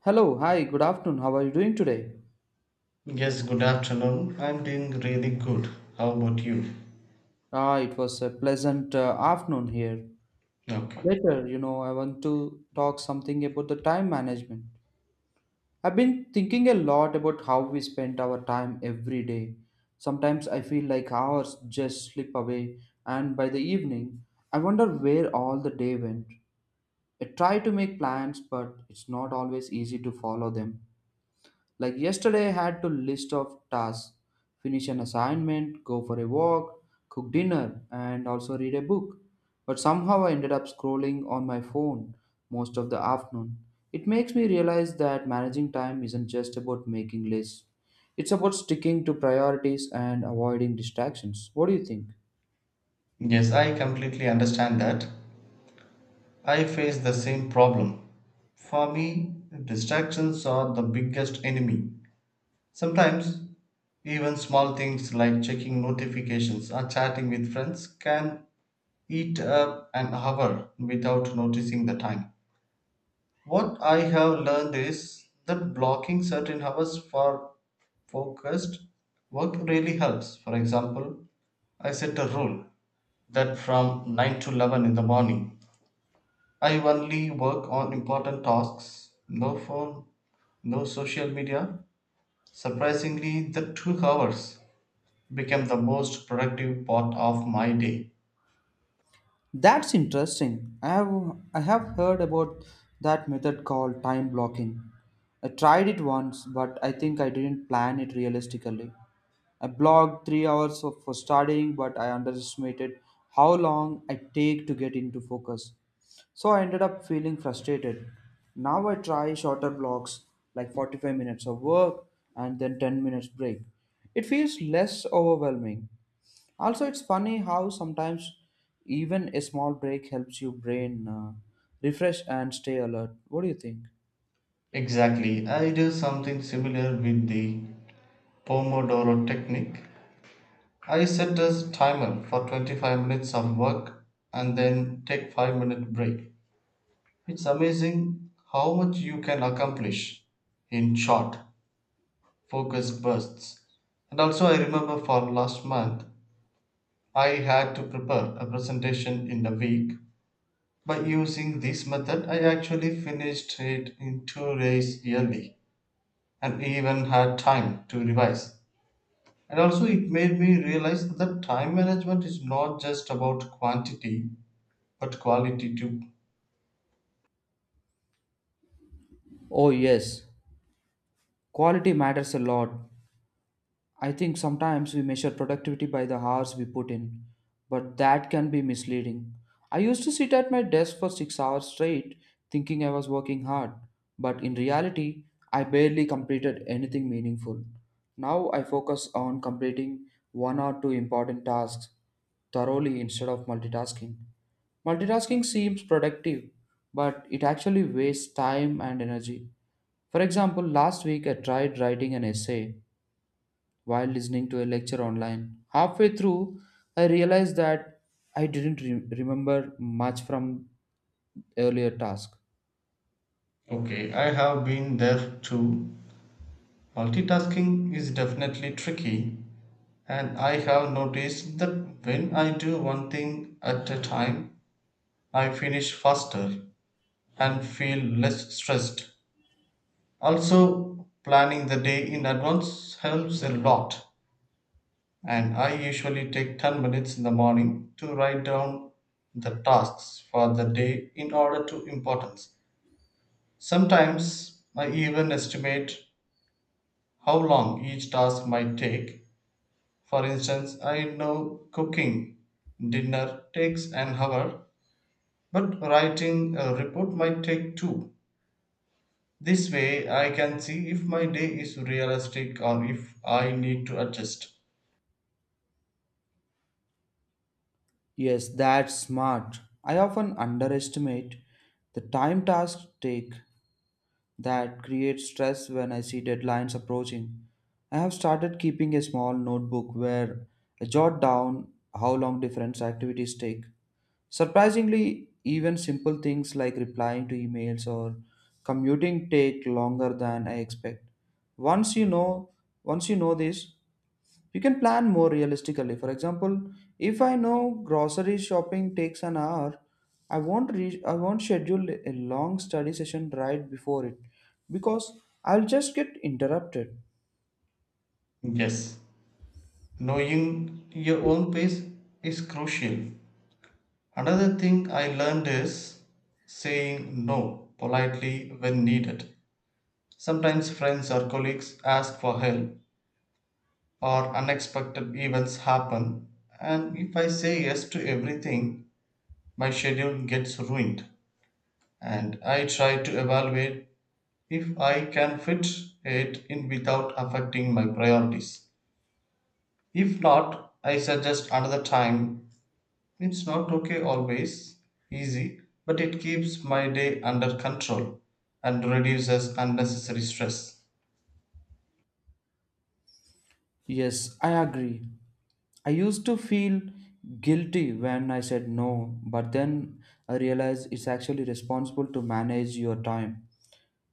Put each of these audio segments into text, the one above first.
Hello, hi, good afternoon. How are you doing today? Yes, good afternoon. I'm doing really good. How about you? Ah, it was a pleasant afternoon here. Okay. Later, I want to talk something about the time management. I've been thinking a lot about how we spend our time every day. Sometimes I feel like hours just slip away, and by the evening, I wonder where all the day went. I try to make plans, but it's not always easy to follow them. Like yesterday, I had to list of tasks, finish an assignment, go for a walk, cook dinner, and also read a book. But somehow I ended up scrolling on my phone most of the afternoon. It makes me realize that managing time isn't just about making lists. It's about sticking to priorities and avoiding distractions. What do you think? Yes, I completely understand that. I face the same problem. For me, distractions are the biggest enemy. Sometimes, even small things like checking notifications or chatting with friends can eat up an hour without noticing the time. What I have learned is that blocking certain hours for focused work really helps. For example, I set a rule that from 9 to 11 in the morning, I only work on important tasks, no phone, no social media. Surprisingly, the 2 hours became the most productive part of my day. That's interesting. I have heard about that method called time blocking. I tried it once, but I think I didn't plan it realistically. I blocked 3 hours of, for studying, but I underestimated how long I take to get into focus. So I ended up feeling frustrated. Now I try shorter blocks, like 45 minutes of work and then 10 minutes break. It feels less overwhelming. Also, it's funny how sometimes even a small break helps your brain refresh and stay alert. What do you think? Exactly, I do something similar with the Pomodoro technique. I set a timer for 25 minutes of work and then take 5-minute break. It's amazing how much you can accomplish in short focused bursts. And also I remember for last month I had to prepare a presentation in a week. By using this method I actually finished it in 2 days yearly and even had time to revise. And also, it made me realize that time management is not just about quantity, but quality too. Oh, yes, quality matters a lot. I think sometimes we measure productivity by the hours we put in, but that can be misleading. I used to sit at my desk for 6 hours straight thinking I was working hard, but in reality, I barely completed anything meaningful. Now I focus on completing one or two important tasks thoroughly instead of multitasking. Multitasking seems productive, but it actually wastes time and energy. For example, last week I tried writing an essay while listening to a lecture online. Halfway through, I realized that I didn't re- remember much from earlier task. Okay, I have been there too. Multitasking is definitely tricky, and I have noticed that when I do one thing at a time, I finish faster and feel less stressed. Also, planning the day in advance helps a lot, and I usually take 10 minutes in the morning to write down the tasks for the day in order to importance. Sometimes I even estimate how long each task might take. For instance, I know cooking dinner takes an hour, but writing a report might take two. This way, I can see if my day is realistic or if I need to adjust. Yes, that's smart. I often underestimate the time tasks take that creates stress when I see deadlines approaching. I have started keeping a small notebook where I jot down how long different activities take. Surprisingly, even simple things like replying to emails or commuting take longer than I expect. Once you know, once you know this, you can plan more realistically. For example, if I know grocery shopping takes an hour, I won't schedule a long study session right before it because I'll just get interrupted. Yes, knowing your own pace is crucial. Another thing I learned is saying no politely when needed. Sometimes friends or colleagues ask for help, or unexpected events happen, and if I say yes to everything, my schedule gets ruined. And I try to evaluate if I can fit it in without affecting my priorities. If not, I suggest another time. It's not okay always, easy, but it keeps my day under control and reduces unnecessary stress. Yes, I agree. I used to feel guilty when I said no, but then I realized it's actually responsible to manage your time.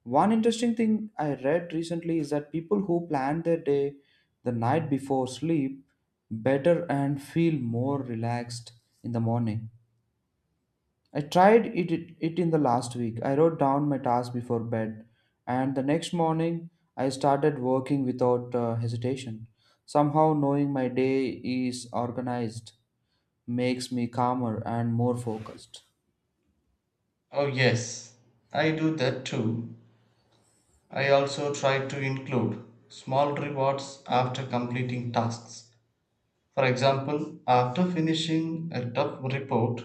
One interesting thing I read recently is that people who plan their day the night before sleep better and feel more relaxed in the morning. I tried it in the last week. I wrote down my task before bed, and the next morning I started working without hesitation. Somehow, knowing my day is organized makes me calmer and more focused. Oh, yes, I do that too. I also try to include small rewards after completing tasks. For example, after finishing a tough report,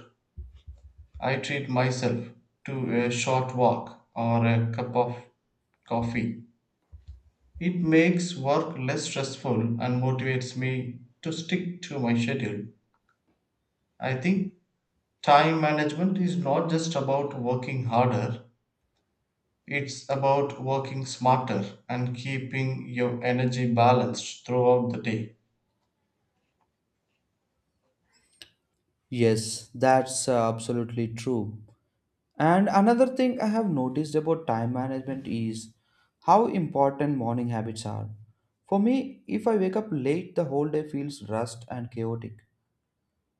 I treat myself to a short walk or a cup of coffee. It makes work less stressful and motivates me to stick to my schedule. I think time management is not just about working harder, it's about working smarter and keeping your energy balanced throughout the day. Yes, that's absolutely true. And another thing I have noticed about time management is how important morning habits are. For me, if I wake up late, the whole day feels rushed and chaotic.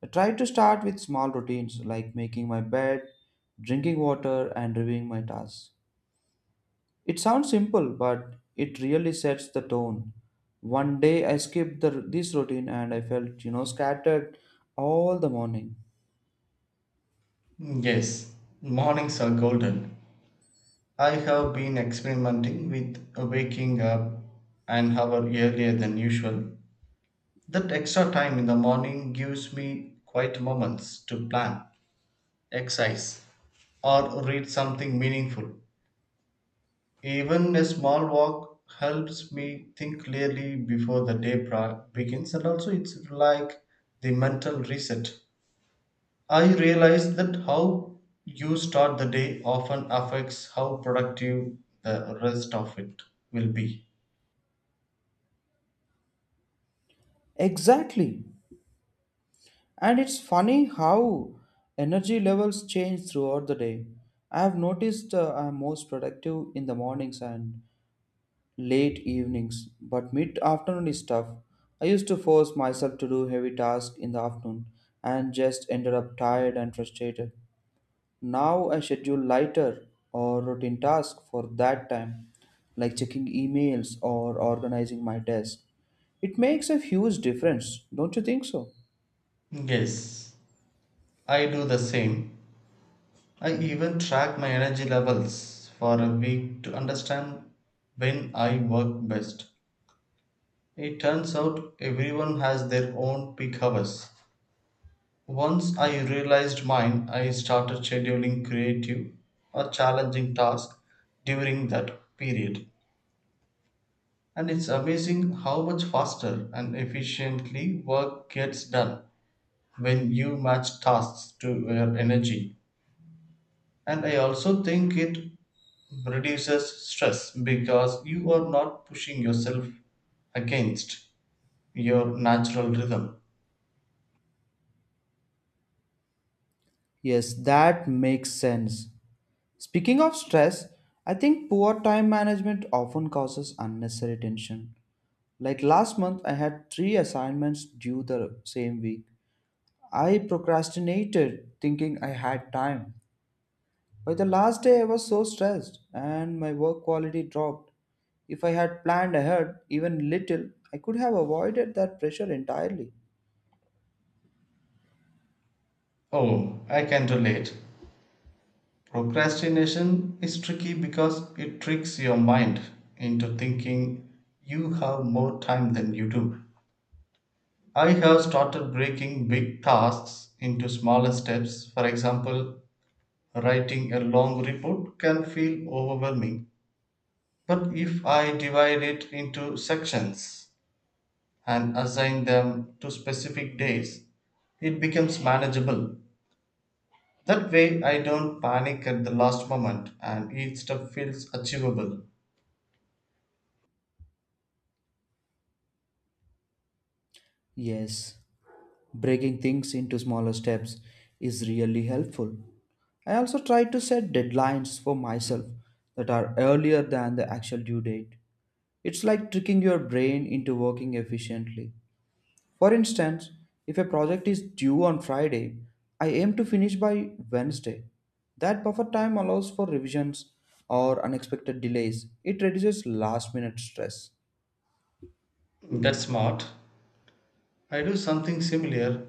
I try to start with small routines like making my bed, drinking water, and reviewing my tasks. It sounds simple, but it really sets the tone. One day I skipped this routine and I felt, scattered all the morning. Yes, mornings are golden. I have been experimenting with waking up an hour earlier than usual. That extra time in the morning gives me quiet moments to plan, exercise, or read something meaningful. Even a small walk helps me think clearly before the begins, and also it's like the mental reset. I realized that how you start the day often affects how productive the rest of it will be. Exactly. And it's funny how energy levels change throughout the day. I have noticed I'm most productive in the mornings and late evenings, but mid afternoon is tough. I used to force myself to do heavy tasks in the afternoon and just ended up tired and frustrated. Now I schedule lighter or routine tasks for that time, like checking emails or organizing my desk. It makes a huge difference, don't you think so? Yes, I do the same. I even track my energy levels for a week to understand when I work best. It turns out everyone has their own peak hours. Once I realized mine, I started scheduling creative or challenging tasks during that period. And it's amazing how much faster and efficiently work gets done when you match tasks to your energy. And I also think it reduces stress because you are not pushing yourself against your natural rhythm. Yes, that makes sense. Speaking of stress, I think poor time management often causes unnecessary tension. Like last month, I had three assignments due the same week. I procrastinated thinking I had time. By the last day, I was so stressed and my work quality dropped. If I had planned ahead, even little, I could have avoided that pressure entirely. Oh, I can relate. Procrastination is tricky because it tricks your mind into thinking you have more time than you do. I have started breaking big tasks into smaller steps. For example, writing a long report can feel overwhelming. But if I divide it into sections and assign them to specific days, it becomes manageable. That way, I don't panic at the last moment and each step feels achievable. Yes, breaking things into smaller steps is really helpful. I also try to set deadlines for myself that are earlier than the actual due date. It's like tricking your brain into working efficiently. For instance, if a project is due on Friday, I aim to finish by Wednesday. That buffer time allows for revisions or unexpected delays. It reduces last minute stress. That's smart. I do something similar.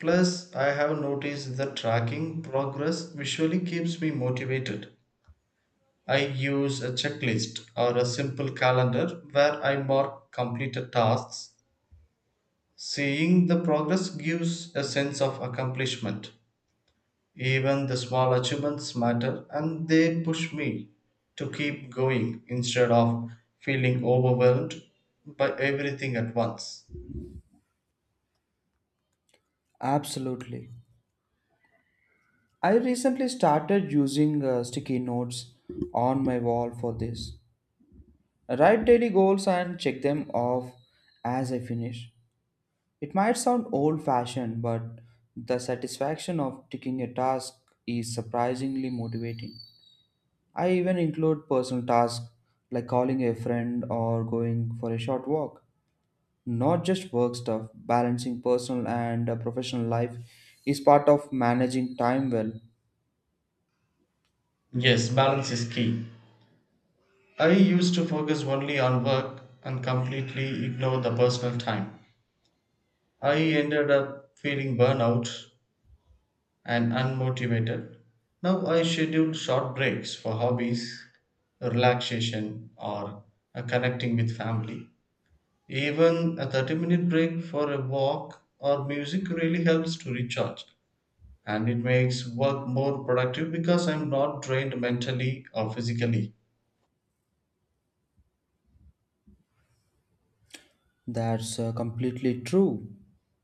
Plus, I have noticed that tracking progress visually keeps me motivated. I use a checklist or a simple calendar where I mark completed tasks. Seeing the progress gives a sense of accomplishment. Even the small achievements matter and they push me to keep going instead of feeling overwhelmed by everything at once. Absolutely. I recently started using sticky notes on my wall for this. I write daily goals and check them off as I finish. It might sound old fashioned, but the satisfaction of ticking a task is surprisingly motivating. I even include personal tasks like calling a friend or going for a short walk. Not just work stuff, balancing personal and professional life is part of managing time well. Yes, balance is key. I used to focus only on work and completely ignore the personal time. I ended up feeling burnout and unmotivated. Now I schedule short breaks for hobbies, relaxation, or connecting with family. Even a 30-minute break for a walk or music really helps to recharge and it makes work more productive because I'm not drained mentally or physically. That's completely true.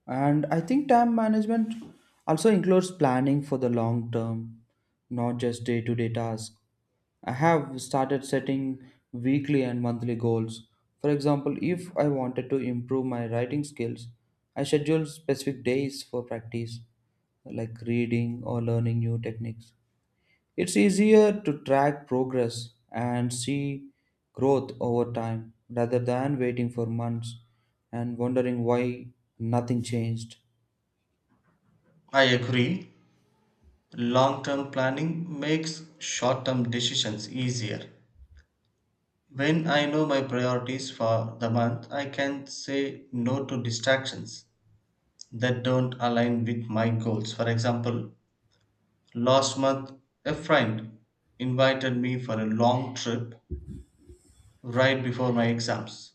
And I think time management also includes planning for the long term, not just day to day tasks. I have started setting weekly and monthly goals. For example, if I wanted to improve my writing skills, I schedule specific days for practice, like reading or learning new techniques. It's easier to track progress and see growth over time rather than waiting for months and wondering why nothing changed. I agree, long term planning makes short term decisions easier. When I know my priorities for the month, I can say no to distractions that don't align with my goals. For example, last month a friend invited me for a long trip right before my exams.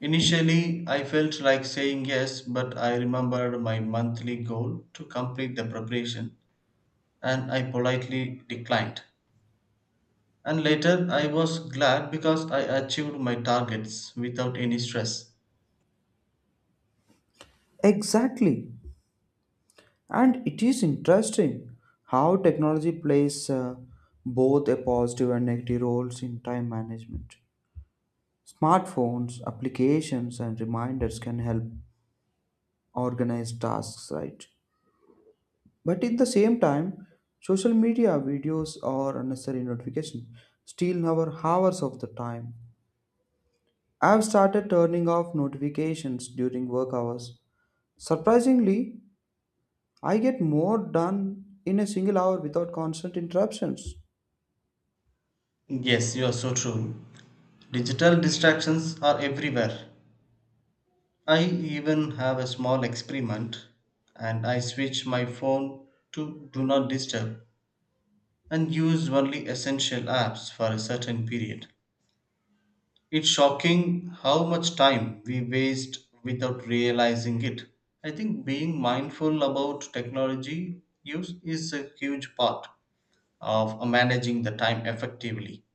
Initially, I felt like saying yes, but I remembered my monthly goal to complete the preparation and I politely declined. And later, I was glad because I achieved my targets without any stress. Exactly. And it is interesting how technology plays both a positive and negative roles in time management. Smartphones, applications, and reminders can help organize tasks, right? But at the same time, social media videos or unnecessary notifications steal our hours of the time. I've started turning off notifications during work hours. Surprisingly, I get more done in a single hour without constant interruptions. Yes, you are so true. Digital distractions are everywhere. I even have a small experiment and I switch my phone to do not disturb and use only essential apps for a certain period. It's shocking how much time we waste without realizing it. I think being mindful about technology use is a huge part of managing the time effectively.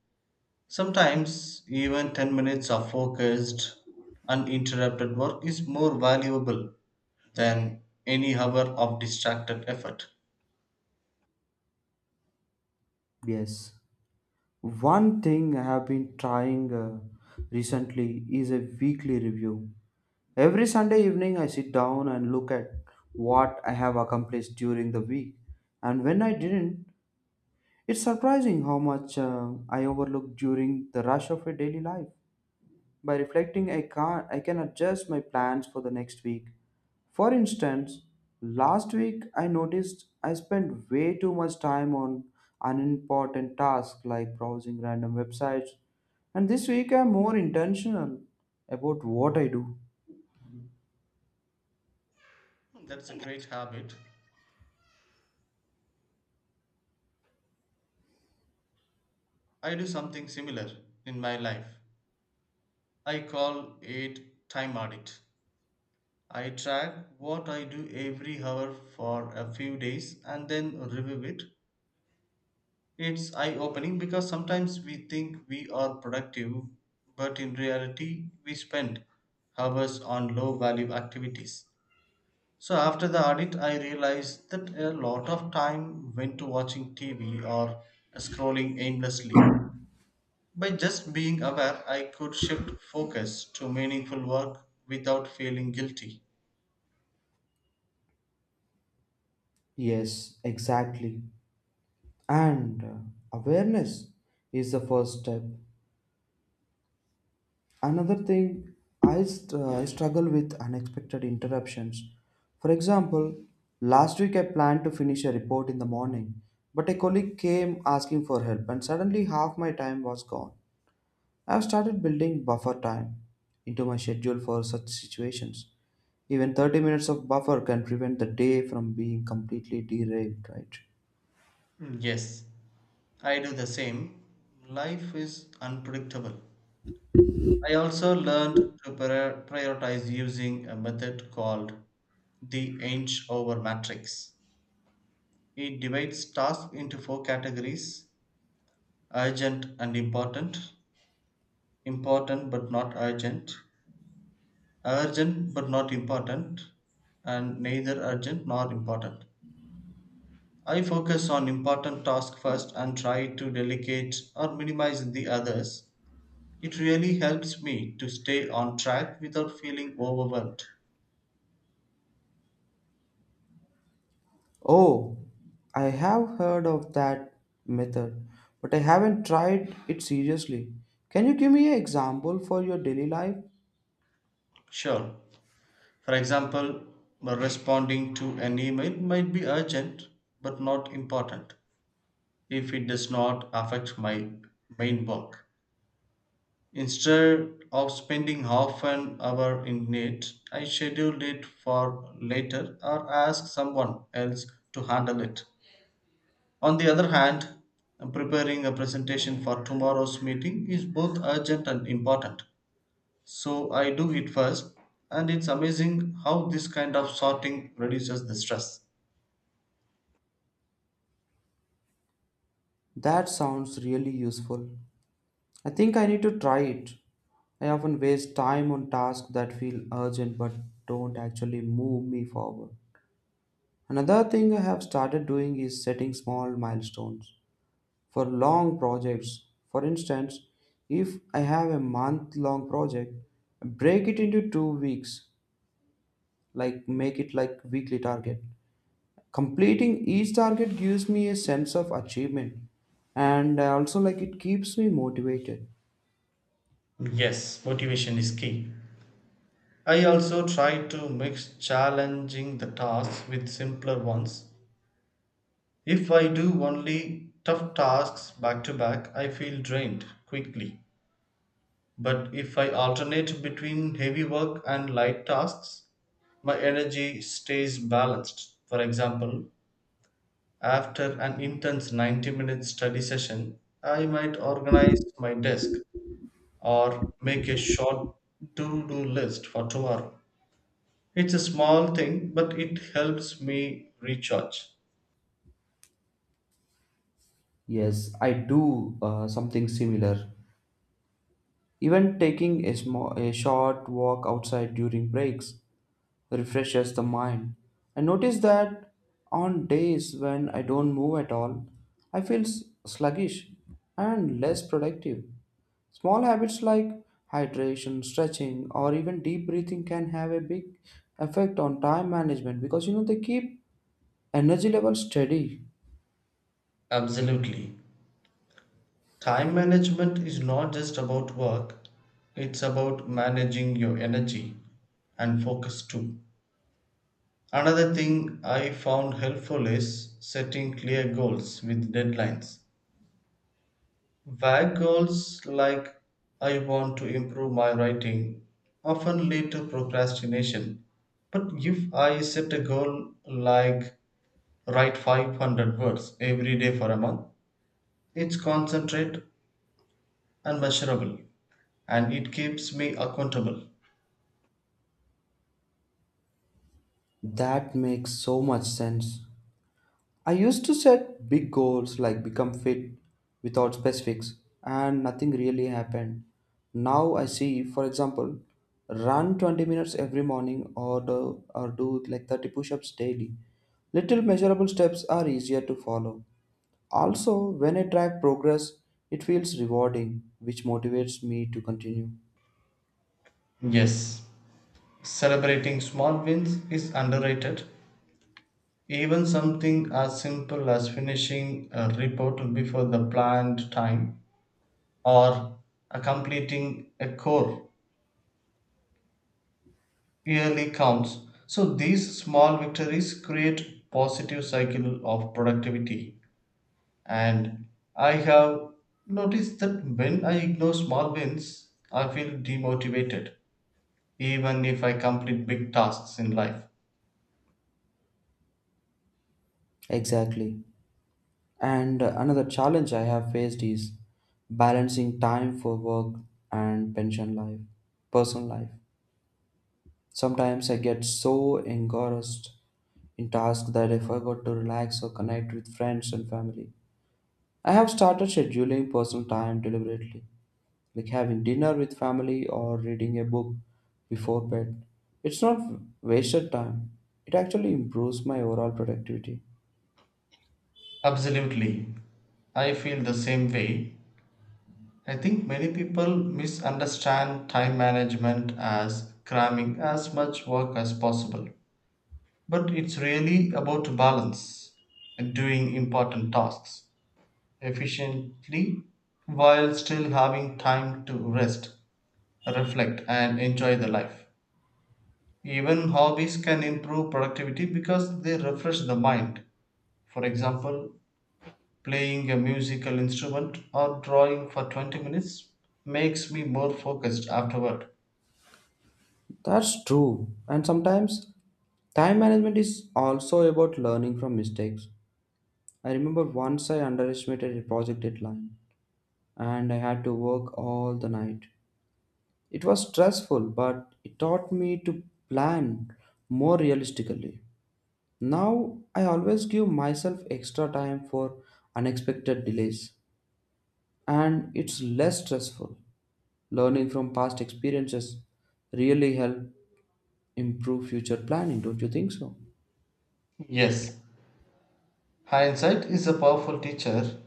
Sometimes even 10 minutes of focused uninterrupted work is more valuable than any hour of distracted effort. Yes. One thing I have been trying recently is a weekly review. Every Sunday evening, I sit down and look at what I have accomplished during the week and when I didn't. It's surprising how much I overlook during the rush of a daily life. By reflecting, I can adjust my plans for the next week. For instance, last week I noticed I spent way too much time on unimportant tasks like browsing random websites, and this week I'm more intentional about what I do. That's a great habit. I do something similar in my life. I call it time audit. I track what I do every hour for a few days and then review it. It's eye opening because sometimes we think we are productive, but in reality, we spend hours on low value activities. So after the audit, I realized that a lot of time went to watching TV or scrolling aimlessly. By just being aware, I could shift focus to meaningful work without feeling guilty. Yes, exactly. And awareness is the first step. Another thing I struggle with unexpected interruptions. For example, last week I planned to finish a report in the morning, but a colleague came asking for help and suddenly half my time was gone. I have started building buffer time into my schedule for such situations. Even 30 minutes of buffer can prevent the day from being completely derailed, right? Mm, yes, I do the same. Life is unpredictable. I also learned to prioritize using a method called the inch over matrix. It divides tasks into four categories: urgent and important, important but not urgent, urgent but not important, and neither urgent nor important. I focus on important tasks first and try to delegate or minimize the others. It really helps me to stay on track without feeling overwhelmed. Oh, I have heard of that method, but I haven't tried it seriously. Can you give me an example for your daily life? Sure. For example, responding to an email might be urgent but not important if it does not affect my main work. Instead of spending half an hour in it, I schedule it for later or ask someone else to handle it. On the other hand, preparing a presentation for tomorrow's meeting is both urgent and important. So I do it first, and it's amazing how this kind of sorting reduces the stress. That sounds really useful. I think I need to try it. I often waste time on tasks that feel urgent but don't actually move me forward. Another thing I have started doing is setting small milestones for long projects. For instance, if I have a month long project, break it into 2 weeks like make it like weekly target completing each target gives me a sense of achievement and also like it keeps me motivated. Yes, motivation is key. I also try to mix challenging the tasks with simpler ones. If I do only tough tasks back to back, I feel drained quickly. But if I alternate between heavy work and light tasks, my energy stays balanced. For example, after an intense 90-minute study session, I might organize my desk or make a short to do list for tomorrow. It's a small thing, but it helps me recharge. Yes, I do something similar. Even taking a short walk outside during breaks refreshes the mind. I notice that on days when I don't move at all sluggish and less productive. Small habits like hydration, stretching, or even deep breathing can have a big effect on time management because they keep energy levels steady. Absolutely. Time management is not just about work, it's about managing your energy and focus too. Another thing I found helpful is setting clear goals with deadlines. Vague goals like I want to improve my writing often lead to procrastination. But if I set a goal like write 500 words every day for a month, it's concentrate and measurable, and it keeps me accountable. That makes so much sense. I used to set big goals like become fit without specifics, and nothing really happened. Now I see, for example, run 20 minutes every morning or do like 30 push ups daily. Little measurable steps are easier to follow. Also, when I track progress, it feels rewarding, which motivates me to continue. Yes, celebrating small wins is underrated. Even something as simple as finishing a report before the planned time or a completing a core yearly counts. So these small victories create positive cycle of productivity. And I have noticed that when I ignore small wins, I feel demotivated, even if I complete big tasks in life. Exactly. And another challenge I have faced is balancing time for work and pension life, personal life. Sometimes I get so engrossed in tasks that I forgot to relax or connect with friends and family. I have started scheduling personal time deliberately like having dinner with family or reading a book before bed. It's not wasted time. It actually improves my overall productivity. Absolutely. I feel the same way. I think many people misunderstand time management as cramming as much work as possible. But it's really about balance and doing important tasks efficiently while still having time to rest, reflect, and enjoy the life. Even hobbies can improve productivity because they refresh the mind. For example, playing a musical instrument or drawing for 20 minutes makes me more focused afterward. That's true. And sometimes time management is also about learning from mistakes. I remember once I underestimated a project deadline and I had to work all the night. It was stressful, but it taught me to plan more realistically. Now I always give myself extra time for unexpected delays, and it's less stressful. Learning from past experiences really help improve future planning, don't you think so? Yes, hindsight is a powerful teacher.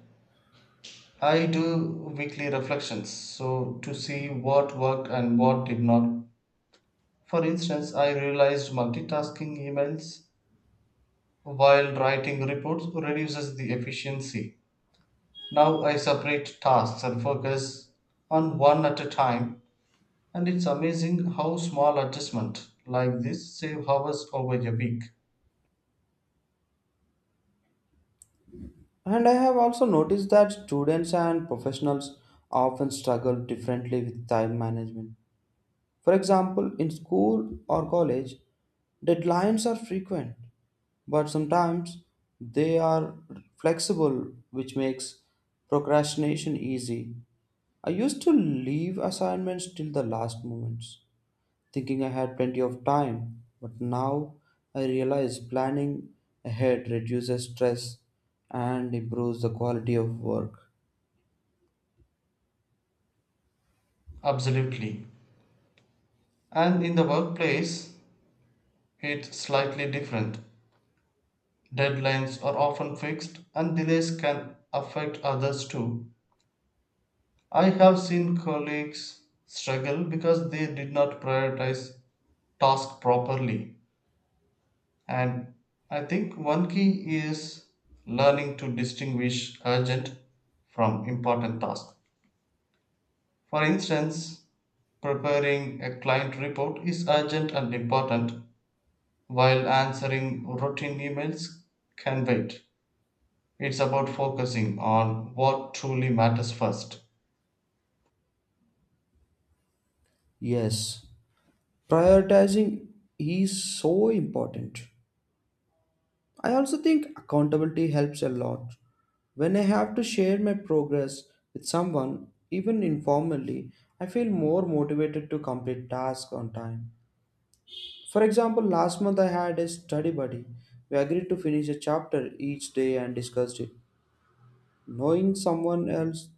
I do weekly reflections so to see what worked and what did not. For instance, I realized multitasking emails while writing reports reduces the efficiency. Now I separate tasks and focus on one at a time. And it's amazing how small adjustment like this save hours over a week. And I have also noticed that students and professionals often struggle differently with time management. For example, in school or college, deadlines are frequent, but sometimes they are flexible, which makes procrastination easy. I used to leave assignments till the last moments thinking I had plenty of time. But now I realize planning ahead reduces stress and improves the quality of work. Absolutely. And in the workplace, it's slightly different. Deadlines are often fixed and delays can affect others too. I have seen colleagues struggle because they did not prioritize tasks properly. And I think one key is learning to distinguish urgent from important tasks. For instance, preparing a client report is urgent and important, while answering routine emails can wait. It's about focusing on what truly matters first. Yes, prioritizing is so important. I also think accountability helps a lot. When I have to share my progress with someone, even informally, I feel more motivated to complete tasks on time. For example, last month I had a study buddy. We agreed to finish a chapter each day and discussed it. Knowing someone else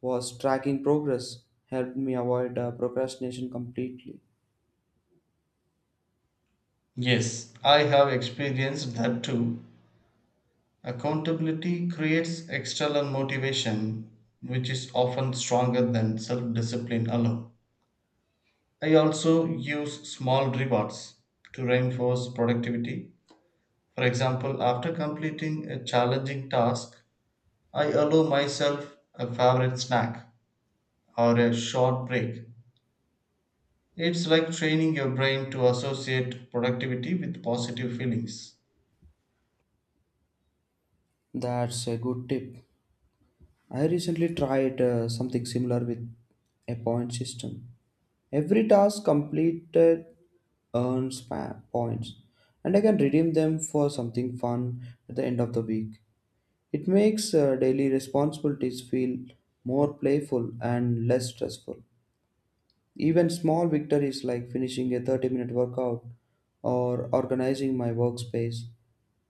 was tracking progress helped me avoid procrastination completely. Yes, I have experienced that too. Accountability creates external motivation, which is often stronger than self discipline alone. I also use small rewards to reinforce productivity. For example, after completing a challenging task, I allow myself a favorite snack or a short break. It's like training your brain to associate productivity with positive feelings. That's a good tip. I recently tried something similar with a point system. Every task completed points, and I can redeem them for something fun at the end of the week. It makes daily responsibilities feel more playful and less stressful. Even small victories like finishing a 30-minute workout or organizing my workspace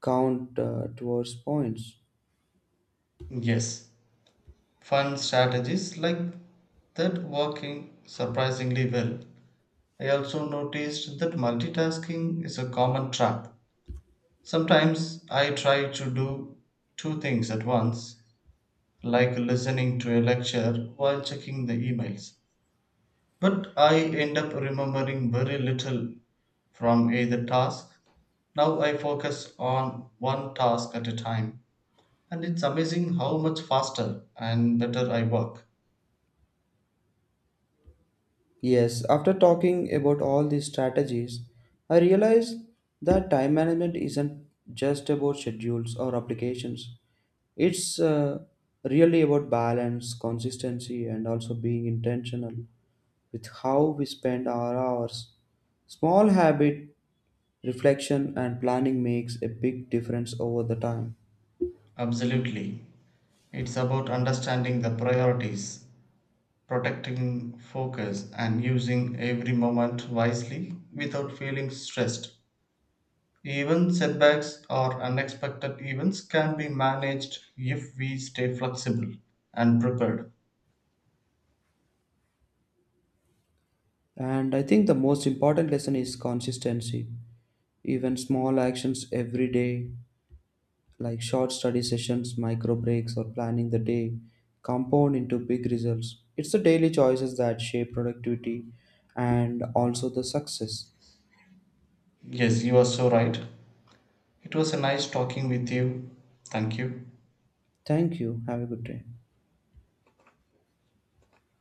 count towards points. Yes, fun strategies like that working surprisingly well. I also noticed that multitasking is a common trap. Sometimes I try to do two things at once, like listening to a lecture while checking the emails. But I end up remembering very little from either task. Now I focus on one task at a time, and it's amazing how much faster and better I work. Yes, after talking about all these strategies, I realize that time management isn't just about schedules or applications. It's really about balance, consistency, and also being intentional with how we spend our hours. Small habit, reflection, and planning makes a big difference over the time. Absolutely. It's about understanding the priorities, protecting focus, and using every moment wisely without feeling stressed. Even setbacks or unexpected events can be managed if we stay flexible and prepared. And I think the most important lesson is consistency. Even small actions every day, like short study sessions, micro breaks, or planning the day, compound into big results. It's the daily choices that shape productivity and also the success. Yes, you are so right. It was a nice talking with you. Thank you. Thank you. Have a good day.